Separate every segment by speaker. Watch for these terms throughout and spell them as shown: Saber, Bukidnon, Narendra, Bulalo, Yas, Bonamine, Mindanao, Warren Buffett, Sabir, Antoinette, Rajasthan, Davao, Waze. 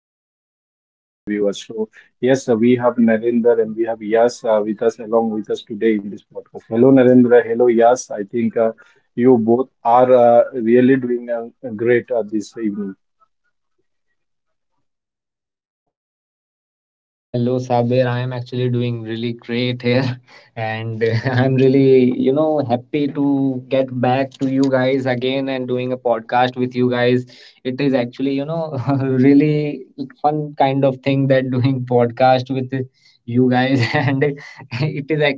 Speaker 1: to leave for our viewers. So yes, we have Narendra and we have Yas with us, along with us today in this podcast. Hello, Narendra. Hello, Yas, I think. You both are really doing great this evening.
Speaker 2: Yeah, well, hello, Sabir. I am actually doing really great here, and I'm really, happy to get back to you guys again and doing a podcast with you guys. It is actually, really fun kind of thing that doing podcast with you guys, and it is actually,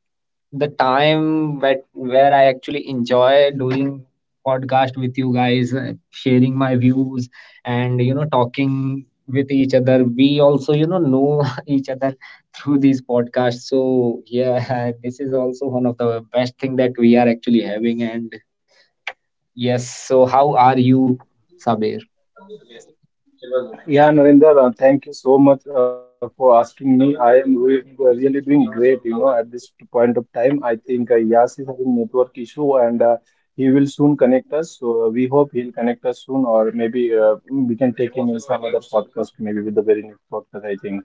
Speaker 2: the time that where I actually enjoy doing podcast with you guys, sharing my views and talking with each other. We also know each other through these podcasts. So yeah, this is also one of the best thing that we are actually having. And yes, so how are you, Sabir?
Speaker 1: Yeah, Narendra, thank you so much for asking me. I am really doing great, you know, at this point of time. I think Yas is having network issue, and he will soon connect us. So we hope he'll connect us soon, or maybe we can take him in some other podcast, maybe with the very next podcast, I think.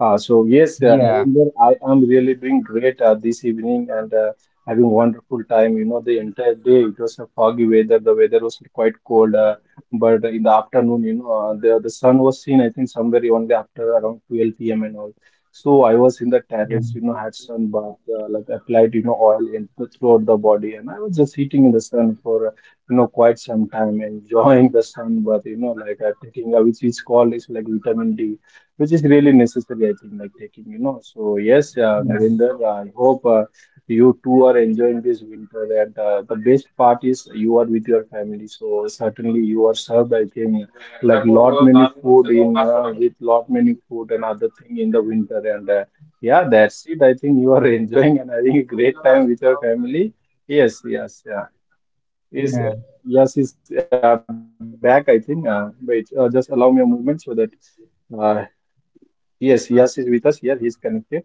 Speaker 1: So
Speaker 2: Yeah,
Speaker 1: yes, Narendra, I am really doing great this evening and having wonderful time. You know, the entire day it was a foggy weather. The weather was quite cold, but in the afternoon, you know, the sun was seen. I think somewhere only after around 12 p.m. and all. So I was in the
Speaker 2: yeah,
Speaker 1: terrace, you know, had sun bath, like applied, you know, oil in throughout the body, and I was just sitting in the sun for, you know, quite some time, enjoying the sun bath, you know, like taking which is called is like vitamin D, which is really necessary, I think, like taking, you know. So, yes,
Speaker 2: yeah,
Speaker 1: Narendra, I hope you two are enjoying this winter. And the best part is you are with your family. So, certainly you are served, I think, like lot many food in with lot many food and other thing in the winter. And yeah, that's it. I think you are enjoying and having a great time with your family. Yes, yes, yeah.
Speaker 2: yeah.
Speaker 1: Yes, yes is back, I think. Wait, just allow me a moment, so that. uh, Yes, Yas is with us here. He's connected.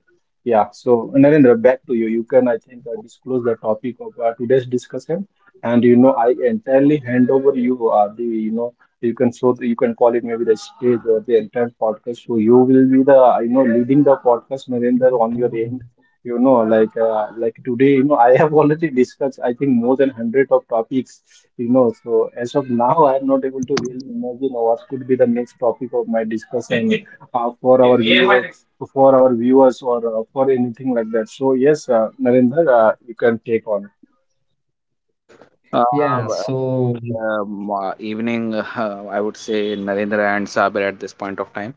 Speaker 1: Yeah. So Narendra, back to you. You can, I think, disclose the topic of today's discussion. And you know, I entirely hand over you the you can show the, you can call it maybe the stage or the entire podcast. So you will be the
Speaker 2: Yeah,
Speaker 1: leading the podcast, Narendra, on your end. You know, like today, you know, I have already discussed, I think, more than 100 of topics. You know, so as of now, I am not able to really imagine what could be the next topic of my discussion uh, for our viewers, for our viewers, or for anything like that. So yes, Narendra, you can take on.
Speaker 3: Uh,
Speaker 2: yeah. So,
Speaker 3: evening, I would say Narendra and Sabir at this point of time.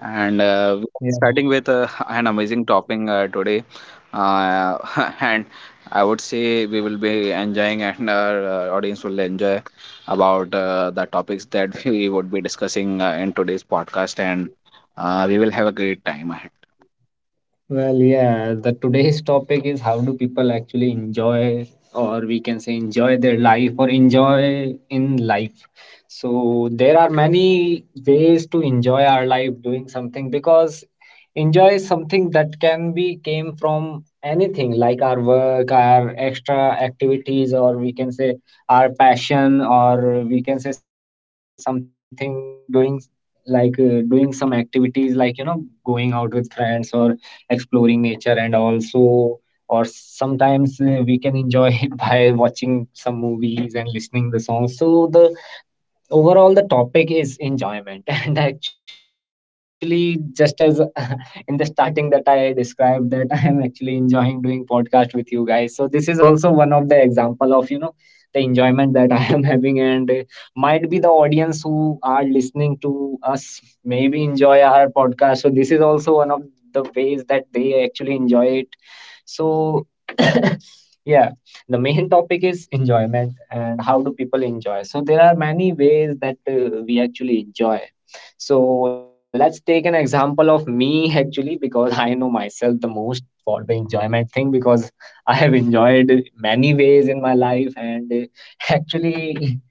Speaker 3: And we are starting with an amazing topic today. Uh, and I would say we will be enjoying, and our audience will enjoy about the topics that we would be discussing in today's podcast. And we will have a great time.
Speaker 2: well, yeah, the today's topic is how do people actually enjoy, or we can say enjoy their life or enjoy in life. So there are many ways to enjoy our life doing something because enjoy is something that can be came from anything like our work, our extra activities, or we can say our passion, or we can say something doing like doing some activities like going out with friends or exploring nature, and also or sometimes we can enjoy it by watching some movies and listening the songs. So the overall the topic is enjoyment, and actually just as in the starting that I described that I am actually enjoying doing podcast with you guys, so this is also one of the example of the enjoyment that I am having, and might be the audience who are listening to us maybe enjoy our podcast, so this is also one of the ways that they actually enjoy it. So yeah, the main topic is enjoyment and how do people enjoy, so there are many ways that we actually enjoy. So let's take an example of me actually, because I know myself the most for the enjoyment thing, because I have enjoyed many ways in my life, and actually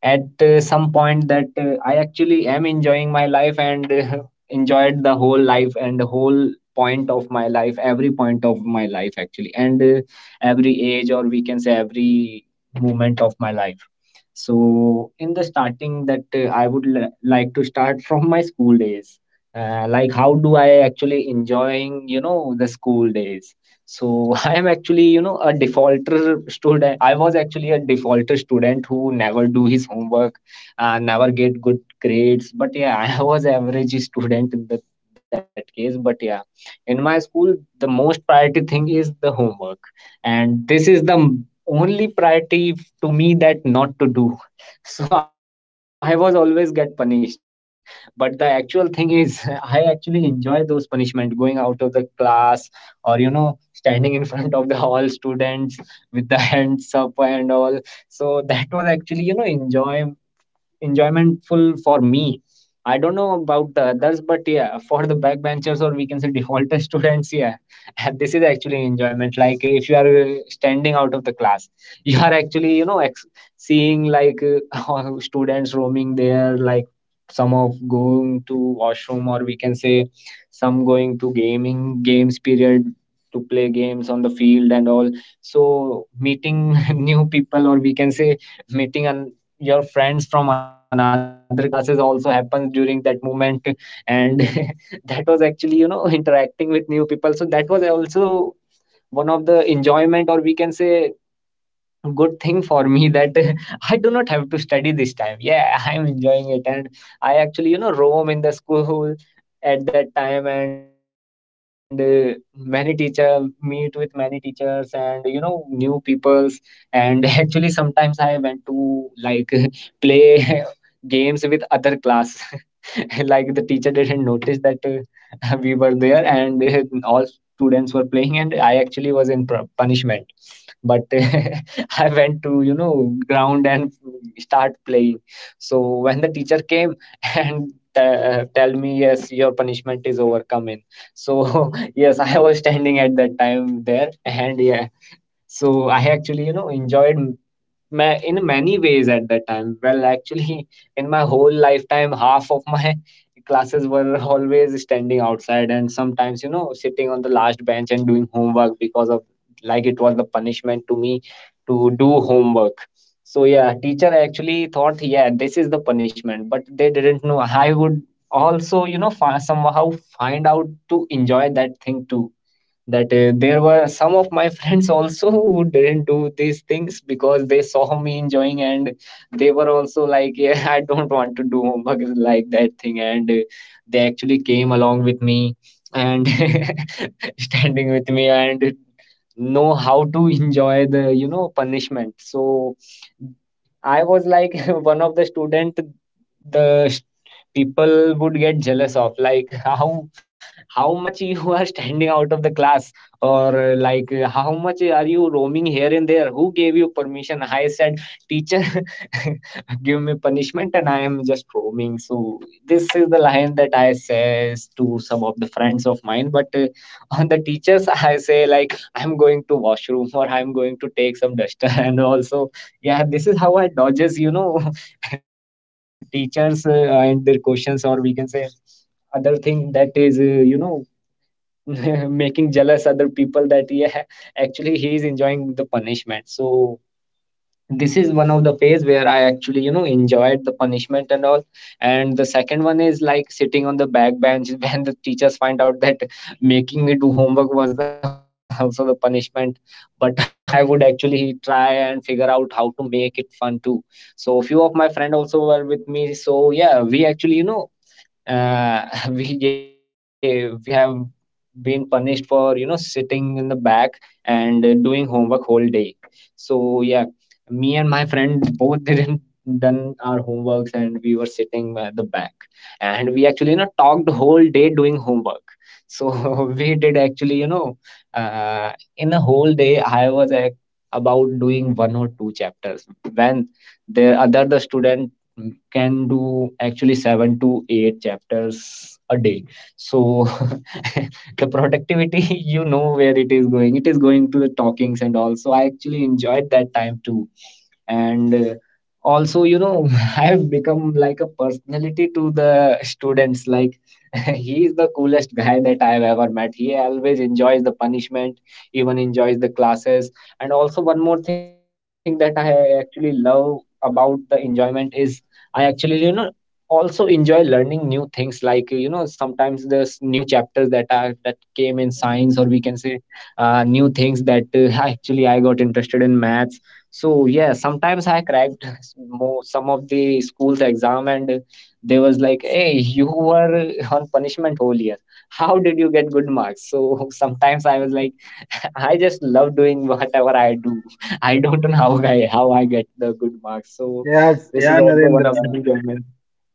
Speaker 2: at some point that I actually am enjoying my life, and enjoyed the whole life and the whole point of my life, every point of my life actually, and every age, or we can say every moment of my life. So in the starting, that I would like to start from my school days. Like how do I actually enjoying the school days. So I am actually, a defaulter student. I was actually a defaulter student who never do his homework, never get good grades. But yeah, I was average student in that case. But yeah, in my school, the most priority thing is the homework, and this is the only priority to me, that not to do. So I was always get punished. But the actual thing is, I actually enjoy those punishment, going out of the class or standing in front of the all students with the hands up and all. So that was actually enjoymentful for me. I don't know about the others, but yeah, for the backbenchers, or we can say defaulter students, yeah, this is actually enjoyment. Like if you are standing out of the class, you are actually seeing like how students roaming there, like some of going to washroom, or we can say some going to gaming games period to play games on the field and all. So meeting new people, or we can say meeting an your friends from another classes, also happens during that moment. And that was actually interacting with new people, so that was also one of the enjoyment, or we can say good thing for me, that I do not have to study this time. Yeah, I'm enjoying it. And I actually, you know, roam in the school at that time, and many teacher meet with many teachers and new peoples, and actually sometimes I went to like play games with other class, like the teacher didn't notice that we were there, and all students were playing, and I actually was in punishment. But I went to, you know, ground and start playing. So when the teacher came and tell me, yes, your punishment is overcoming. So yes, I was standing at that time there, and yeah, so I actually, you know, enjoyed m- ma in many ways at that time. Well, actually, in my whole lifetime, half of my classes were always standing outside, and sometimes, you know, sitting on the last bench and doing homework, because of like it was the punishment to me to do homework. So yeah, teacher actually thought, yeah, this is the punishment, but they didn't know. I would also, you know, fi somehow find out to enjoy that thing too, that there were some of my friends also who didn't do these things because they saw me enjoying, and they were also like, yeah, I don't want to do homework, like that thing, and they actually came along with me and standing with me and know how to enjoy the punishment. So I was like one of the student, the people would get jealous of, like how much you are standing out of the class, or like how much are you roaming here and there, who gave you permission? I said, teacher give me punishment and I am just roaming. So this is the line that I says to some of the friends of mine. But on the teachers, I say like, I'm going to washroom or I'm going to take some duster, and also, yeah, this is how I dodges teachers and their questions, or we can say other thing, that is you know making jealous other people, that yeah, actually he is enjoying the punishment. So this is one of the phase where I actually enjoyed the punishment and all. And the second one is like sitting on the back bench, when the teachers find out that making me do homework was also the punishment. But I would actually try and figure out how to make it fun too. So few of my friend also were with me, so yeah, we actually we have been punished for sitting in the back, and doing homework whole day. So yeah, me and my friend both didn't done our homeworks, and we were sitting at the back, and we actually talked the whole day doing homework. So we did actually uh, in a whole day I was about doing one or two chapters, when the student can do actually seven to eight chapters a day. So the productivity, you know where it is going. It is going to the talkings and all. So I actually enjoyed that time too, and also I have become like a personality to the students, like he is the coolest guy that I have ever met, he always enjoys the punishment, even enjoys the classes. And also one more thing that I actually love about the enjoyment is I actually also enjoy learning new things, like sometimes there's new chapters that came in science, or we can say new things that actually I got interested in maths. So yeah, sometimes I cracked more some of the school's exam, and they was like, "Hey, you were on punishment whole year. How did you get good marks?" So sometimes I was like, "I just love doing whatever I do. I don't know how I get the good marks." So
Speaker 1: Yes,
Speaker 2: this
Speaker 1: yeah,
Speaker 2: is also one
Speaker 1: Narendra.
Speaker 2: of the enjoyment.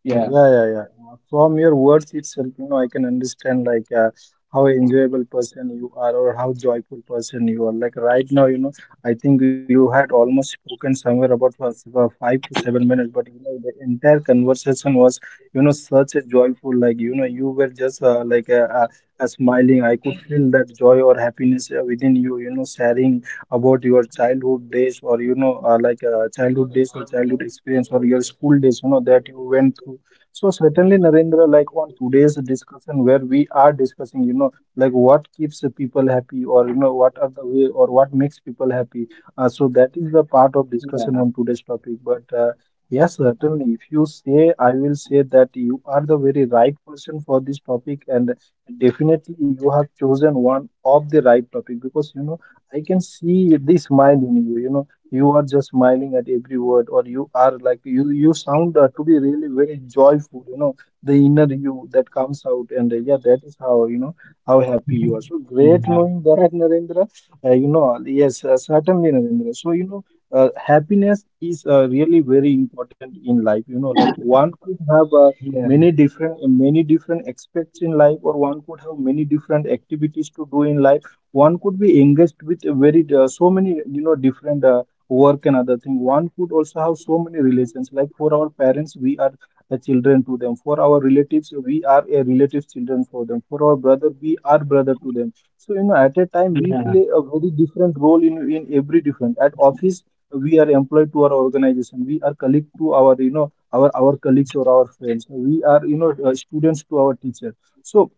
Speaker 2: Yeah,
Speaker 1: Yeah, yeah, yeah. From your words itself, you know, I can understand like how enjoyable person you are, or how joyful person you are. Like right now, you know, I think you had almost spoken somewhere about 5 to 7 minutes, but you know, the entire conversation was, you know, such a joyful. Like you know, you were just smiling. I could feel that joy or happiness within you. You know, sharing about your childhood days, or you know, like childhood days or childhood experience or your school days, you know, that you went through. So certainly, Narendra, like on today's discussion, where we are discussing, you know, like what keeps the people happy, or, you know, what are the way or what makes people happy. So that is the part
Speaker 2: yeah,
Speaker 1: of discussion on today's topic. But yes, certainly, if you say, I will say that you are the very right person for this topic, and definitely you have chosen one of the right topic because, you know, I can see the smile in you. You know, you are just smiling at every word, or you are like you sound to be really very joyful, you know, the inner you that comes out. And yeah, that is how, you know, how happy you are. So
Speaker 2: yeah,
Speaker 1: great knowing that, Narendra. You know, yes, certainly, Narendra. So you know, happiness is really very important in life. You know, like one could have
Speaker 2: yeah,
Speaker 1: many different aspects in life, or one could have many different activities to do in life. One could be engaged with a very so many, you know, different work and other thing. One could also have so many relations, like for our parents we are the children to them, for our relatives we are a relative children for them, for our brother we are brother to them. So you know, at a time we
Speaker 2: yeah,
Speaker 1: play a very different role in every different. At office we are employed to our organization, we are colleague to our, you know, our colleagues or our friends, we are, you know, students to our teacher. So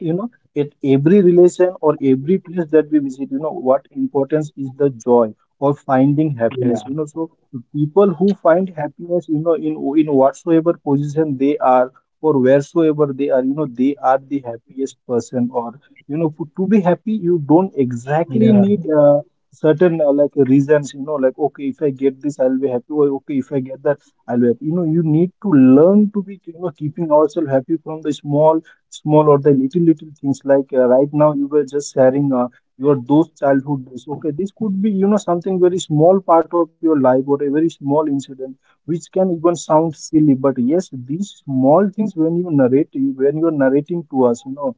Speaker 1: you know, at every relation or every place that we visit, you know, what importance is the joy or finding happiness, you
Speaker 2: yeah,
Speaker 1: know. So people who find happiness, you know, in whatsoever position they are, or wheresoever they are, you know, they are the happiest person. Or, you know, to be happy, you
Speaker 2: yeah,
Speaker 1: don't exactly need certain like reasons, you know, like, okay, if I get this I'll be happy, or okay, if I get that I'll be happy. You know, you need to learn to be, you know, keeping ourselves happy from the small, or the little things. Like right now you were just sharing your those childhood days. Okay, this could be, you know, something very small part of your life, or a very small incident which can even sound silly. But yes, these small things when you narrate, you when you are narrating to us, you know,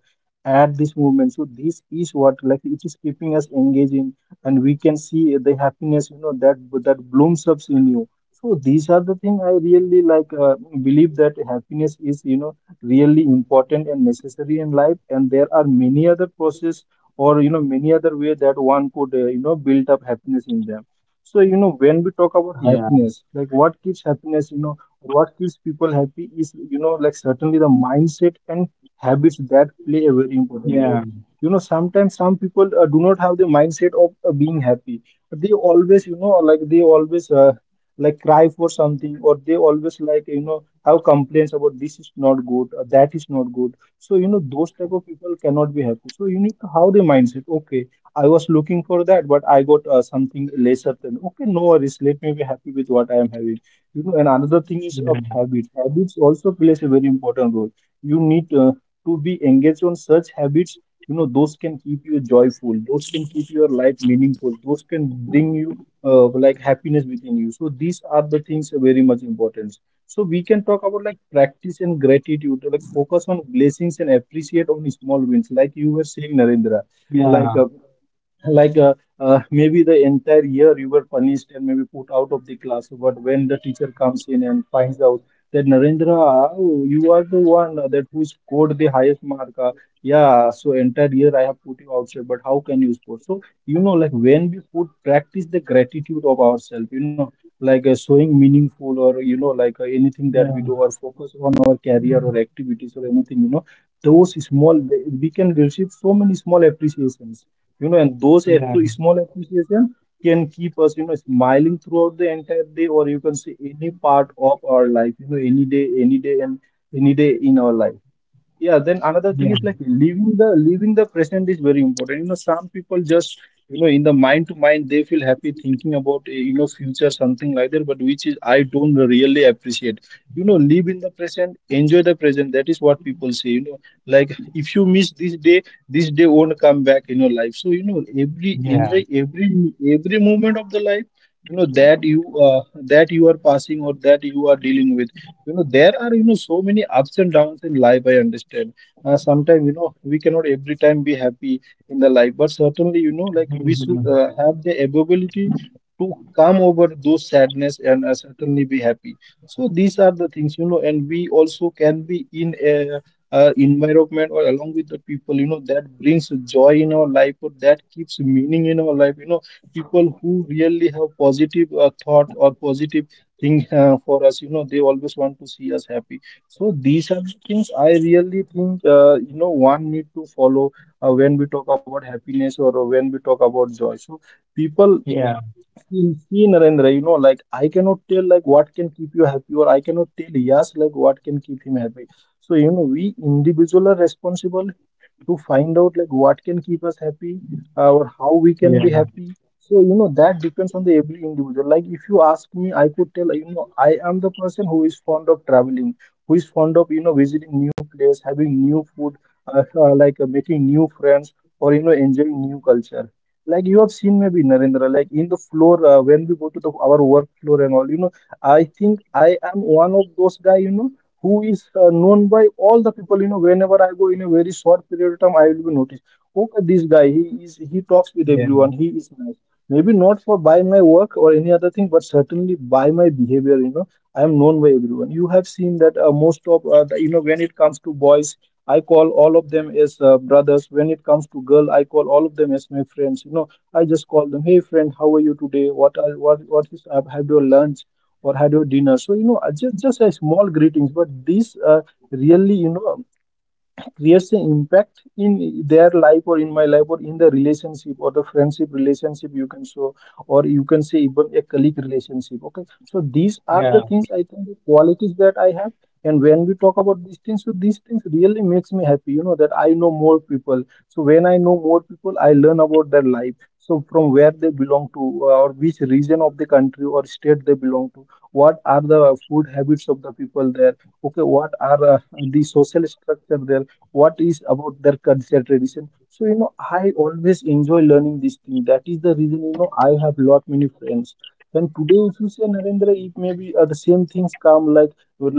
Speaker 1: at this moment, so this is what, like, it is keeping us engaging, and we can see the happiness, you know, that blooms up in you. So these are the thing. I really like believe that happiness is, you know, really important and necessary in life. And there are many other process, or you know, many other way that one could you know, build up happiness in them. So you know,
Speaker 2: yeah,
Speaker 1: when we talk about happiness, like what keeps happiness, you know, what keeps people happy is, you know, like certainly the mindset and habits that play a
Speaker 2: yeah,
Speaker 1: very important role. You know, sometimes some people do not have the mindset of being happy. They always, you know, like they always like cry for something, or they always, like, you know, have complaints about this is not good or that is not good. So you know, those type of people cannot be happy, so you need to have the mindset: okay, I was looking for that, but I got something lesser than, okay, no worries, let me be happy with what I am having, you know. And another thing is of habits. Habits also plays a very important role. You need to be engaged on such habits. You know, those can keep you joyful, those can keep your life meaningful, those can bring you like happiness within you. So these are the things are very much important. So we can talk about like practice and gratitude, like focus on blessings and appreciate on small wins, like you were saying, Narendra.
Speaker 2: yeah, yeah,
Speaker 1: Like
Speaker 2: yeah,
Speaker 1: uh, like uh, Maybe the entire year you were punished and maybe put out of the class, but when the teacher comes in and finds out that, Narendra, oh, you are the one that who scored the highest mark. Yeah, so entire year I have put you outside, but how can you score. So you know, like when we put practice the gratitude of ourselves, you know, like showing meaningful, or you know, like anything that we do, or focus on our career or activities or anything, you know, those small, we can receive so many small appreciations, you know. And those
Speaker 2: yeah,
Speaker 1: small appreciation can keep us, you know, smiling throughout the entire day, or you can say any part of our life, you know, any day, any day, and any day in our life. Yeah, then another thing is like leaving the present is very important. You know, some people just you know in the mind to mind, they feel happy thinking about future something like that, but which is I don't really appreciate. You know, live in the present, enjoy the present. That is what people say. You know, like if you miss this day won't come back in your life. So every
Speaker 2: yeah, yeah,
Speaker 1: enjoy
Speaker 2: yeah,
Speaker 1: every moment of the life. You know that you uh, that you are passing or that you are dealing with. You know, there are so many ups and downs in life, I understand. Sometimes we cannot every time be happy in the life, but certainly like we should
Speaker 2: yeah,
Speaker 1: have the ability to come over those sadness and certainly be happy. So these are the things, and we also can be in a environment or along with the people that brings joy in our life or that keeps meaning in our life. You know, people who really have positive thought or positive thing for us, they always want to see us happy. So these are the things I really think, one need to follow when we talk about happiness or when we talk about joy. So people,
Speaker 2: yeah,
Speaker 1: see, Narendra, like I cannot tell like what can keep you happy, or I cannot tell, yes, like what can keep him happy. So we individual are responsible to find out like what can keep us happy, or how we can
Speaker 2: yeah,
Speaker 1: be happy. So that depends on the every individual. Like if you ask me, I could tell, I am the person who is fond of traveling, who is fond of, visiting new place, having new food, like making new friends, or enjoying new culture. Like you have seen, maybe, Narendra, like in the floor, when we go to the our work floor and all, I think I am one of those guy, who is known by all the people. You know, whenever I go, in a very short period of time I will be noticed. Okay, this guy, he talks with
Speaker 2: yeah,
Speaker 1: everyone, he is nice. Maybe not for by my work or any other thing, but certainly by my behavior. You know, I am known by everyone. You have seen that, most of you know, when it comes to boys, I call all of them as brothers. When it comes to girl, I call all of them as my friends. You know, I just call them, hey friend, how are you today, what are what is up, have your lunch or had your dinner. So just a small greetings, but these, really, creates an impact in their life or in my life or in the relationship or the friendship relationship, you can show, or you can say even a colleague relationship. Okay, so these are the
Speaker 2: yeah,
Speaker 1: things I think, the qualities that I have. And when we talk about these things, so these things really makes me happy, that I know more people. So when I know more people, I learn about their life. So from where they belong to, or which region of the country or state they belong to, what are the food habits of the people there, okay, what are the social structure there, what is about their culture, tradition. So I always enjoy learning this thing. That is the reason, I have lot many friends. And today if you say Narendra, it may be the same things come,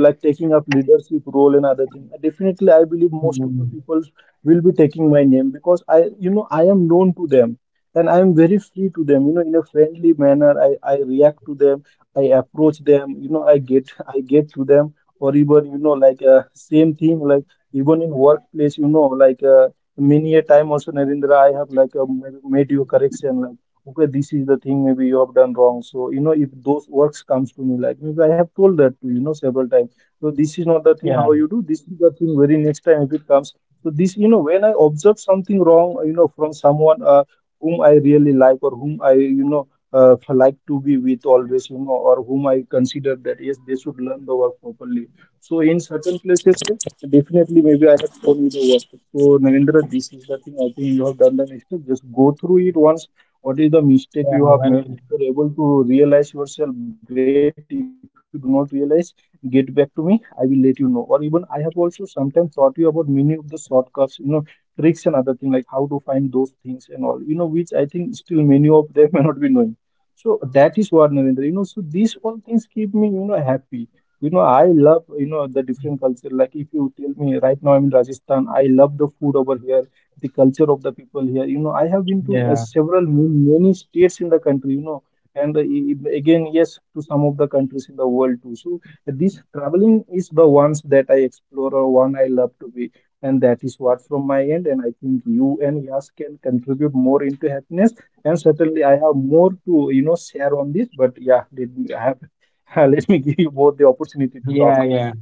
Speaker 1: like taking up leadership role and other thing, definitely I believe most
Speaker 2: mm,
Speaker 1: of the people will be taking my name, because I am known to them. And I am very free to them, in a friendly manner I react to them, I approach them, I get I get to them. Or even like, same thing, like, even in workplace like, many a time also, Narendra, I have like made you correction, like okay, this is the thing, maybe you have done wrong. So if those works comes to me, like maybe I have told that to you, you know several times, so this is not the thing
Speaker 2: yeah,
Speaker 1: how you do. This is the thing, very next time if it comes. So this, when I observe something wrong, from someone, whom I really like, or whom I, uh, like to be with always, or whom I consider that yes, they should learn the work properly. So in certain places, so definitely, maybe I have shown you the WhatsApp. So, Narendra, this is the thing, I think you have done the mistake. Just go through it once. What is the mistake
Speaker 2: yeah,
Speaker 1: you have
Speaker 2: well,
Speaker 1: made? If you're able to realize yourself, great. If you do not realize, get back to me, I will let you know. Or even I have also sometimes taught you about many of the shortcuts, you know, tricks and other things, like how to find those things and all, you know, which I think still many of them may not be knowing. So that is what, Narendra, so these all things keep me, you know, happy. You know, I love, you know, the different culture. Like if you tell me right now, I'm in Rajasthan, I love the food over here, the culture of the people here. You know, I have been to
Speaker 2: yeah,
Speaker 1: several many states in the country, you know, and again, yes, to some of the countries in the world too. So this traveling is the ones that I explore, or one I love to be. And that is what from my end, and I think you and Yas can contribute more into happiness. And certainly, I have more to you know share on this. But yeah, did, I have let me give you both the opportunity to
Speaker 2: yeah,
Speaker 1: talk.
Speaker 2: yeah.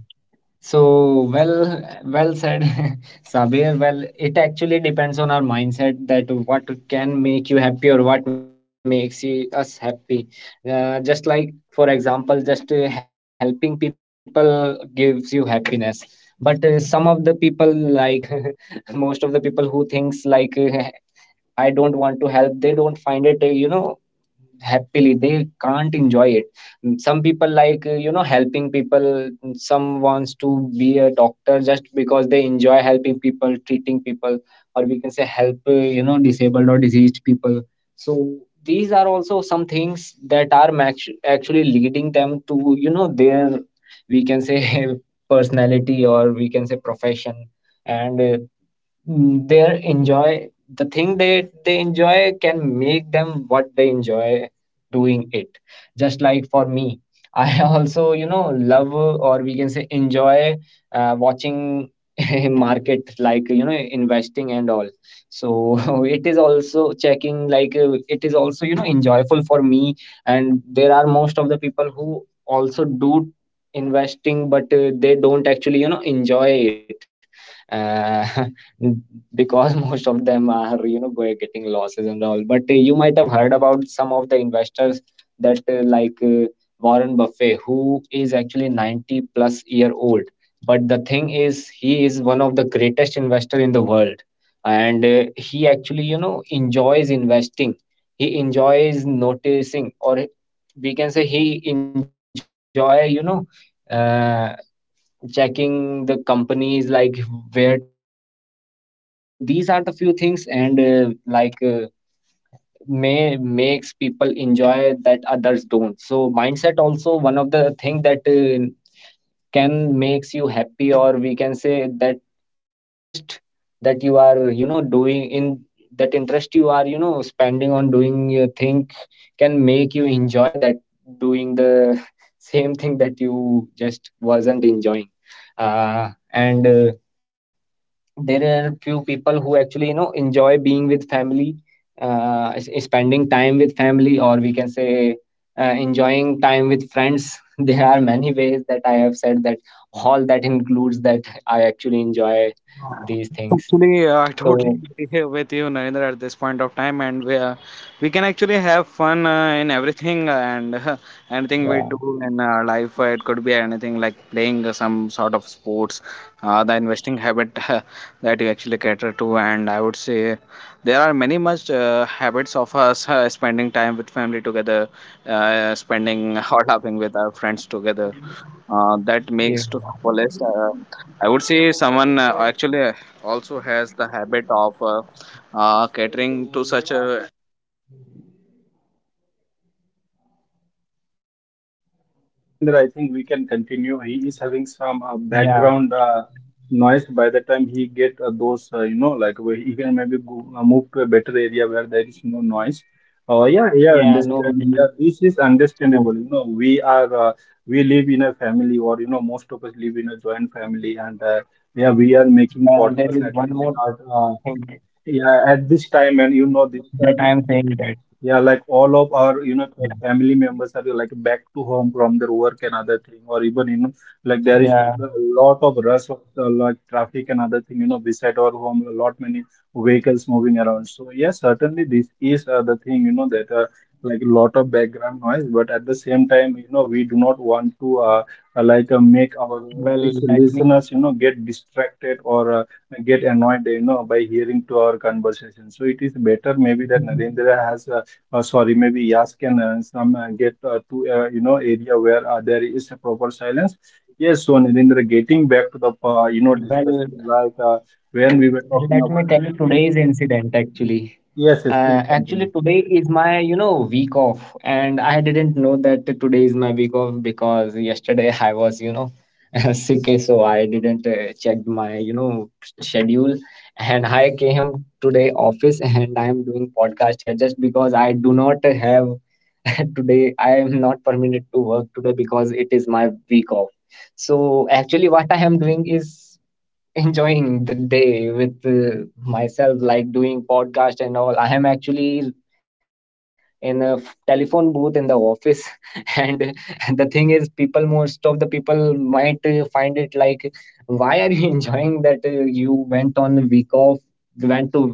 Speaker 2: So, well, well said, Sabir. Well, it actually depends on our mindset, that what can make you happy or what makes us happy. Just like, for example, just helping people gives you happiness. But some of the people, like most of the people who thinks like, I don't want to help, they don't find it, happily. They can't enjoy it. Some people, like you know, helping people. Some wants to be a doctor just because they enjoy helping people, treating people, or we can say help you know, disabled or diseased people. So these are also some things that are actually leading them to, you know, their, we can say, personality, or we can say profession. And their enjoy, the thing they enjoy, can make them what they enjoy doing it. Just like, for me, I also, you know, love, or we can say, enjoy watching market, like, you know, investing and all. So it is also checking, like, it is also, you know, enjoyable for me. And there are most of the people who also do investing, but they don't actually, you know, enjoy it. uh, because most of them are, you know, getting losses and all. But you might have heard about some of the investors that Warren Buffett, who is actually 90 plus year old. But the thing is, he is one of the greatest investor in the world, and he actually, you know, enjoys investing. He enjoys noticing, or we can say he enjoy, you know. Uh, Checking the companies, like where to invest and all. So these are the few things, and may makes people enjoy that others don't. So mindset also one of the thing that can makes you happy, or we can say that interest, that you are, you know, doing in, that interest you are, you know, spending on doing your thing, can make you enjoy that, doing the same thing that you just wasn't enjoying. And There are few people who actually, you know, enjoy being with family, spending time with family, or we can say enjoying time with friends. there are many ways that I have said that, all that includes that I actually enjoy these things.
Speaker 3: Actually, I totally
Speaker 2: So
Speaker 3: agree here with you, Narendra, at this point of time, and we can actually have fun in everything and anything we do
Speaker 2: yeah,
Speaker 3: in our life. It could be anything like playing some sort of sports, the investing habit that you actually cater to, and I would say there are many much habits of us spending time with family together, spending or laughing with our friends together that makes to
Speaker 2: yeah,
Speaker 3: the fullest. I would say someone actually also has the habit of catering to such a.
Speaker 1: Yeah, Narendra, I think we can continue. He is having some
Speaker 2: yeah,
Speaker 1: background noise. By the time he get those, you know, like where he can maybe go, move to a better area where there is no noise. Yeah, yeah,
Speaker 2: yeah, no
Speaker 1: understand.
Speaker 2: worries.
Speaker 1: Yeah, this is
Speaker 2: So,
Speaker 1: understandable. You know, we are we live in a family, or you know, most of us live in a joint family, and yeah, we are
Speaker 2: well,
Speaker 1: making
Speaker 2: there is one
Speaker 1: podcasts at
Speaker 2: more
Speaker 1: this
Speaker 2: thing
Speaker 1: start. Yeah, at this time, and
Speaker 2: that
Speaker 1: you
Speaker 2: I am
Speaker 1: know, this
Speaker 2: saying that,
Speaker 1: time. Yeah, like all of our,
Speaker 2: yeah,
Speaker 1: you know, the family members are like back to home from their work and other thing, or even, you know, like there
Speaker 2: yeah.
Speaker 1: is a lot of rush of like traffic and other thing, you know, beside our home, a lot many vehicles moving around. So yes, certainly this is the thing, you know, that like a lot of background noise, but at the same time, you know, we do not want to like make
Speaker 2: well
Speaker 1: our
Speaker 2: let me
Speaker 1: listeners, you know, get distracted or get annoyed, you know, by hearing to our conversation. So it is better maybe that Narendra has. Sorry, maybe yes can some get to you know area where there is a proper silence. Yes, so Narendra, getting back to the you know
Speaker 2: well,
Speaker 1: discussion like when we were
Speaker 2: let me
Speaker 1: talking
Speaker 2: tell you
Speaker 1: about health.
Speaker 2: today's incident actually.
Speaker 1: Yes, yes, please
Speaker 2: Actually,
Speaker 1: continue.
Speaker 2: today is my, you know, week off, and I didn't know that today is my week off because yesterday I was, you know, sick, so I didn't check my, you know, schedule, and I came today office, and I am doing podcast here just because I do not have today. I am not permitted to work today because it is my week off. So actually, what I am doing is enjoying the day with myself, like doing podcast and all. I am actually in a telephone booth in the office. and the thing is, people, most of the people might find it, like, why are you enjoying that you went on a week off, went to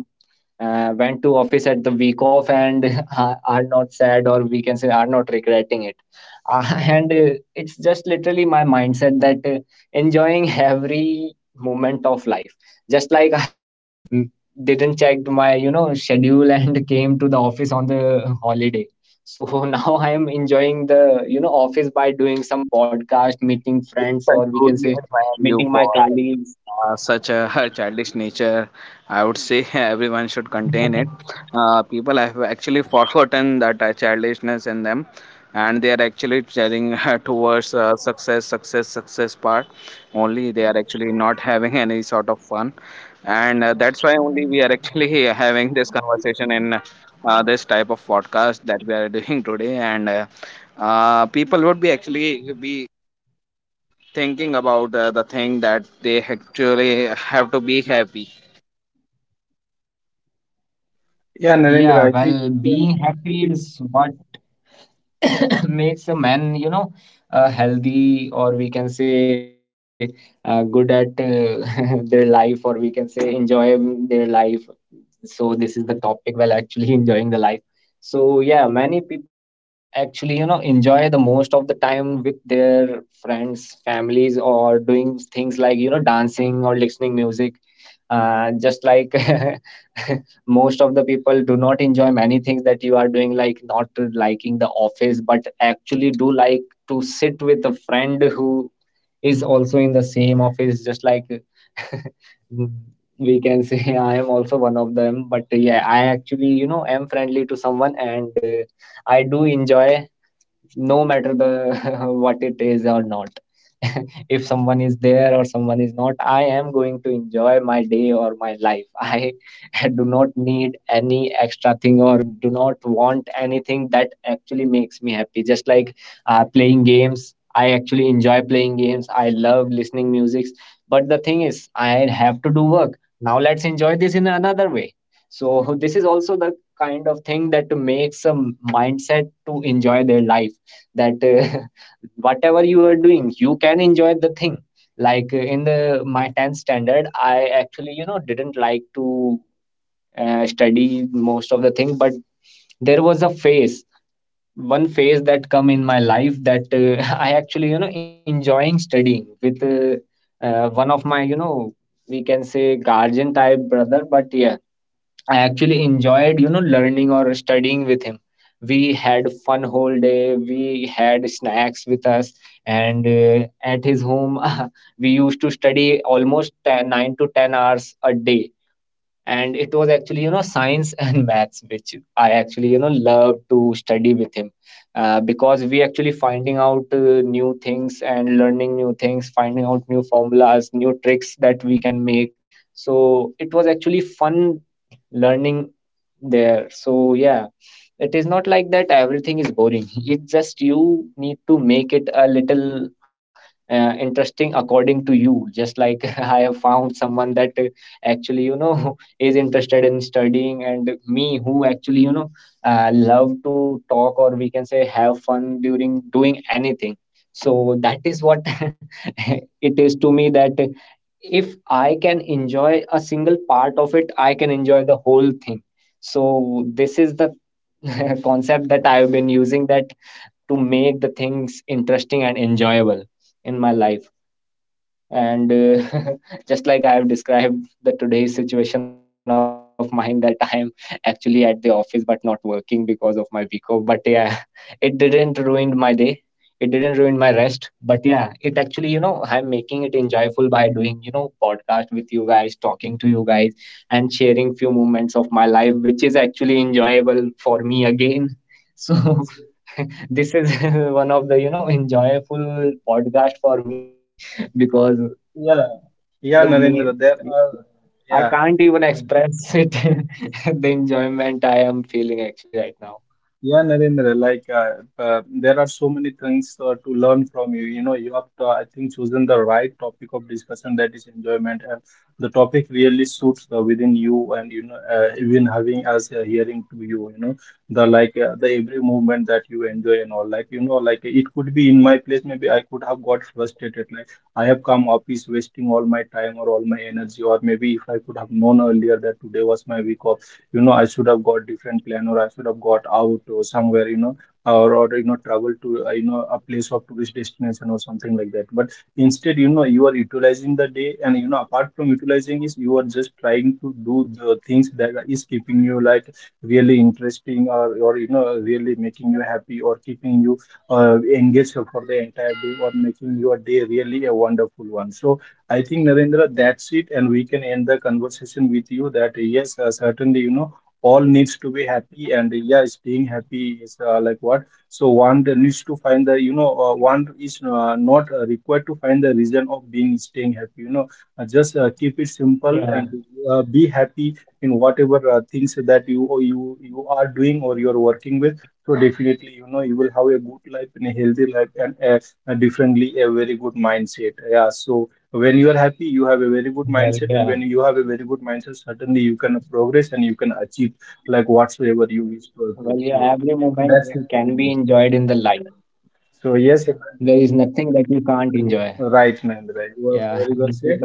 Speaker 2: went to office at the week off, and are not sad, or we can say, are not regretting it. Uh, and It's just literally my mindset that enjoying every moment of life. Just like, I have, mm, didn't check my, you know, schedule and came to the office on the holiday. So now I am enjoying the, you know, office by doing some podcast, meeting friends,
Speaker 3: Thank
Speaker 2: or we can say
Speaker 3: you
Speaker 2: meeting my
Speaker 3: for
Speaker 2: colleagues.
Speaker 3: such a childish nature, I would say everyone should contain it. People have actually forgotten that childishness in them, and they are actually staring towards success, success, success part only. They are actually not having any sort of fun, and that's why only we are actually having this conversation in this type of podcast that we are doing today. And people would be actually be thinking about the thing that they actually have to be happy.
Speaker 1: Yeah,
Speaker 2: Yeah,
Speaker 1: Narendra,
Speaker 2: well,
Speaker 1: I think
Speaker 2: being
Speaker 1: you can.
Speaker 2: happy is what makes a man, you know, healthy, or we can say good at their life, or we can say enjoy their life. So this is the topic while actually enjoying the life. So yeah, many people actually, you know, enjoy the most of the time with their friends, families, or doing things like, you know, dancing or listening music. Just like, most of the people do not enjoy many things that you are doing, like not liking the office, but actually do like to sit with a friend who is also in the same office, just like, we can say, I am also one of them. But yeah, I actually, you know, am friendly to someone, and I do enjoy, no matter the what it is or not. if someone is there or someone is not, I am going to enjoy my day or my life. I do not need any extra thing or do not want anything that actually makes me happy. Just like playing games, I actually enjoy playing games. I love listening music, but the thing is, I have to do work. Now let's enjoy this in another way. So this is also the kind of thing that makes a mindset to enjoy their life, that whatever you are doing, you can enjoy the thing. Like, in the my 10th standard, I actually, you know, didn't like to study most of the thing. But there was a phase, one phase that come in my life, that I actually, you know, enjoying studying with one of my, you know, we can say, guardian type brother. But yeah, I actually enjoyed, you know, learning or studying with him. We had fun whole day. We had snacks with us, and at his home, we used to study almost 10, 9 to 10 hours a day. And it was actually, you know, science and maths, which I actually, you know, love to study with him. Because we actually finding out new things and learning new things, finding out new formulas, new tricks that we can make. So it was actually fun learning there. So yeah, it is not like that everything is boring. It's just you need to make it a little interesting according to you. Just like, I have found someone that actually, you know, is interested in studying, and me, who actually, you know, love to talk, or we can say, have fun during doing anything. So that is what it is to me, that if I can enjoy a single part of it, I can enjoy the whole thing. So this is the concept that I've been using, that to make the things interesting and enjoyable in my life. And just like I have described the today's situation of mine, that I am actually at the office but not working because of my week off. But yeah, it didn't ruin my day, it didn't ruin my rest. But yeah, it actually, you know, I'm making it enjoyable by doing, you know, podcast with you guys, talking to you guys, and sharing few moments of my life, which is actually enjoyable for me again. So this is one of the, you know, enjoyable podcast for me, because
Speaker 1: Yeah, yeah,
Speaker 2: the
Speaker 1: Narendra,
Speaker 2: main,
Speaker 1: there are
Speaker 2: I
Speaker 1: yeah.
Speaker 2: can't even express it, the enjoyment I am feeling actually right now.
Speaker 1: Yeah, Narendra, like there are so many things to learn from you. You know, you have, I think, chosen the right topic of discussion, that is enjoyment, and the topic really suits within you, and you know, even having us hearing to you. You know, the like the every movement that you enjoy and all. Like you know, like it could be in my place. Maybe I could have got frustrated. Like I have come office wasting all my time or all my energy, or maybe if I could have known earlier that today was my week off, you know, I should have got different plan or I should have got out or somewhere, you know, or you know travel to you know a place of tourist destination or something like that. But instead, you know, you are utilizing the day, and you know, apart from utilizing is you are just trying to do the things that is keeping you like really interesting, or you know really making you happy or keeping you engaged for the entire day, or making your day really a wonderful one. So I think, Narendra, that's it, and we can end the conversation with you, that yes, certainly, you know, all needs to be happy, and yeah, staying happy is like what? So one that needs to find the, you know, one is not required to find the reason of being staying happy. You know, just keep it
Speaker 2: Yeah,
Speaker 1: simple and be happy in whatever things that you or you are doing, or you're working with. So definitely, you know, you will have a good life and a healthy life and a differently a very good mindset. Yeah, so when you are
Speaker 2: well,
Speaker 1: happy
Speaker 2: yeah.
Speaker 1: you have a very good mindset, and when you have a very good mindset, certainly you can progress and you can achieve like whatsoever
Speaker 2: Well,
Speaker 1: you wish
Speaker 2: yeah,
Speaker 1: to
Speaker 2: every
Speaker 1: achieve.
Speaker 2: moment
Speaker 1: So
Speaker 2: can be
Speaker 1: that's it
Speaker 2: enjoyed in
Speaker 1: from
Speaker 2: the
Speaker 1: me.
Speaker 2: life.
Speaker 1: So
Speaker 2: There
Speaker 1: yes.
Speaker 2: is nothing that you can't enjoy.
Speaker 1: Right, Narendra,
Speaker 2: Yeah,
Speaker 1: you are
Speaker 2: this is the
Speaker 1: very well
Speaker 2: message.
Speaker 1: said.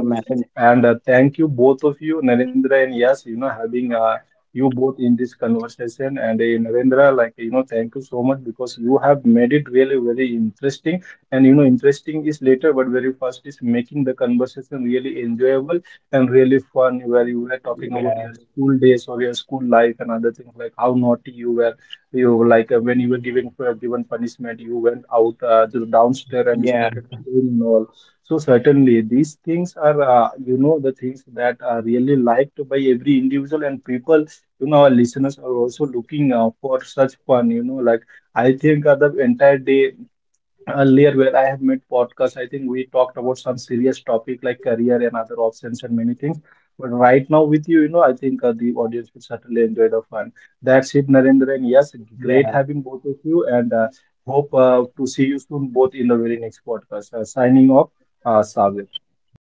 Speaker 1: And thank you both of you, Narendra and Yash, you know, having you both in this conversation. And Narendra, like, you know, thank you so much because you have made it really very interesting. And, you know, interesting is later, but very first is making the conversation really enjoyable and really fun, where you were talking
Speaker 2: Yeah,
Speaker 1: about your school days or your school life and other things, like how naughty you were. You like when you were giving given punishment, you went out to the downstairs and you
Speaker 2: yeah,
Speaker 1: started praying and all. So certainly these things are you know the things that are really liked by every individual and people. You know, our listeners are also looking for such fun. You know, like I think the entire day earlier where I have made podcast, I think we talked about some serious topic like career and other options and many things. But right now with you, you know, I think the audience will certainly enjoy the fun. That's it, Narendra. And yes, great having
Speaker 2: yeah.
Speaker 1: both of you, and hope to see you soon both in the very next podcast. Signing off, Savir.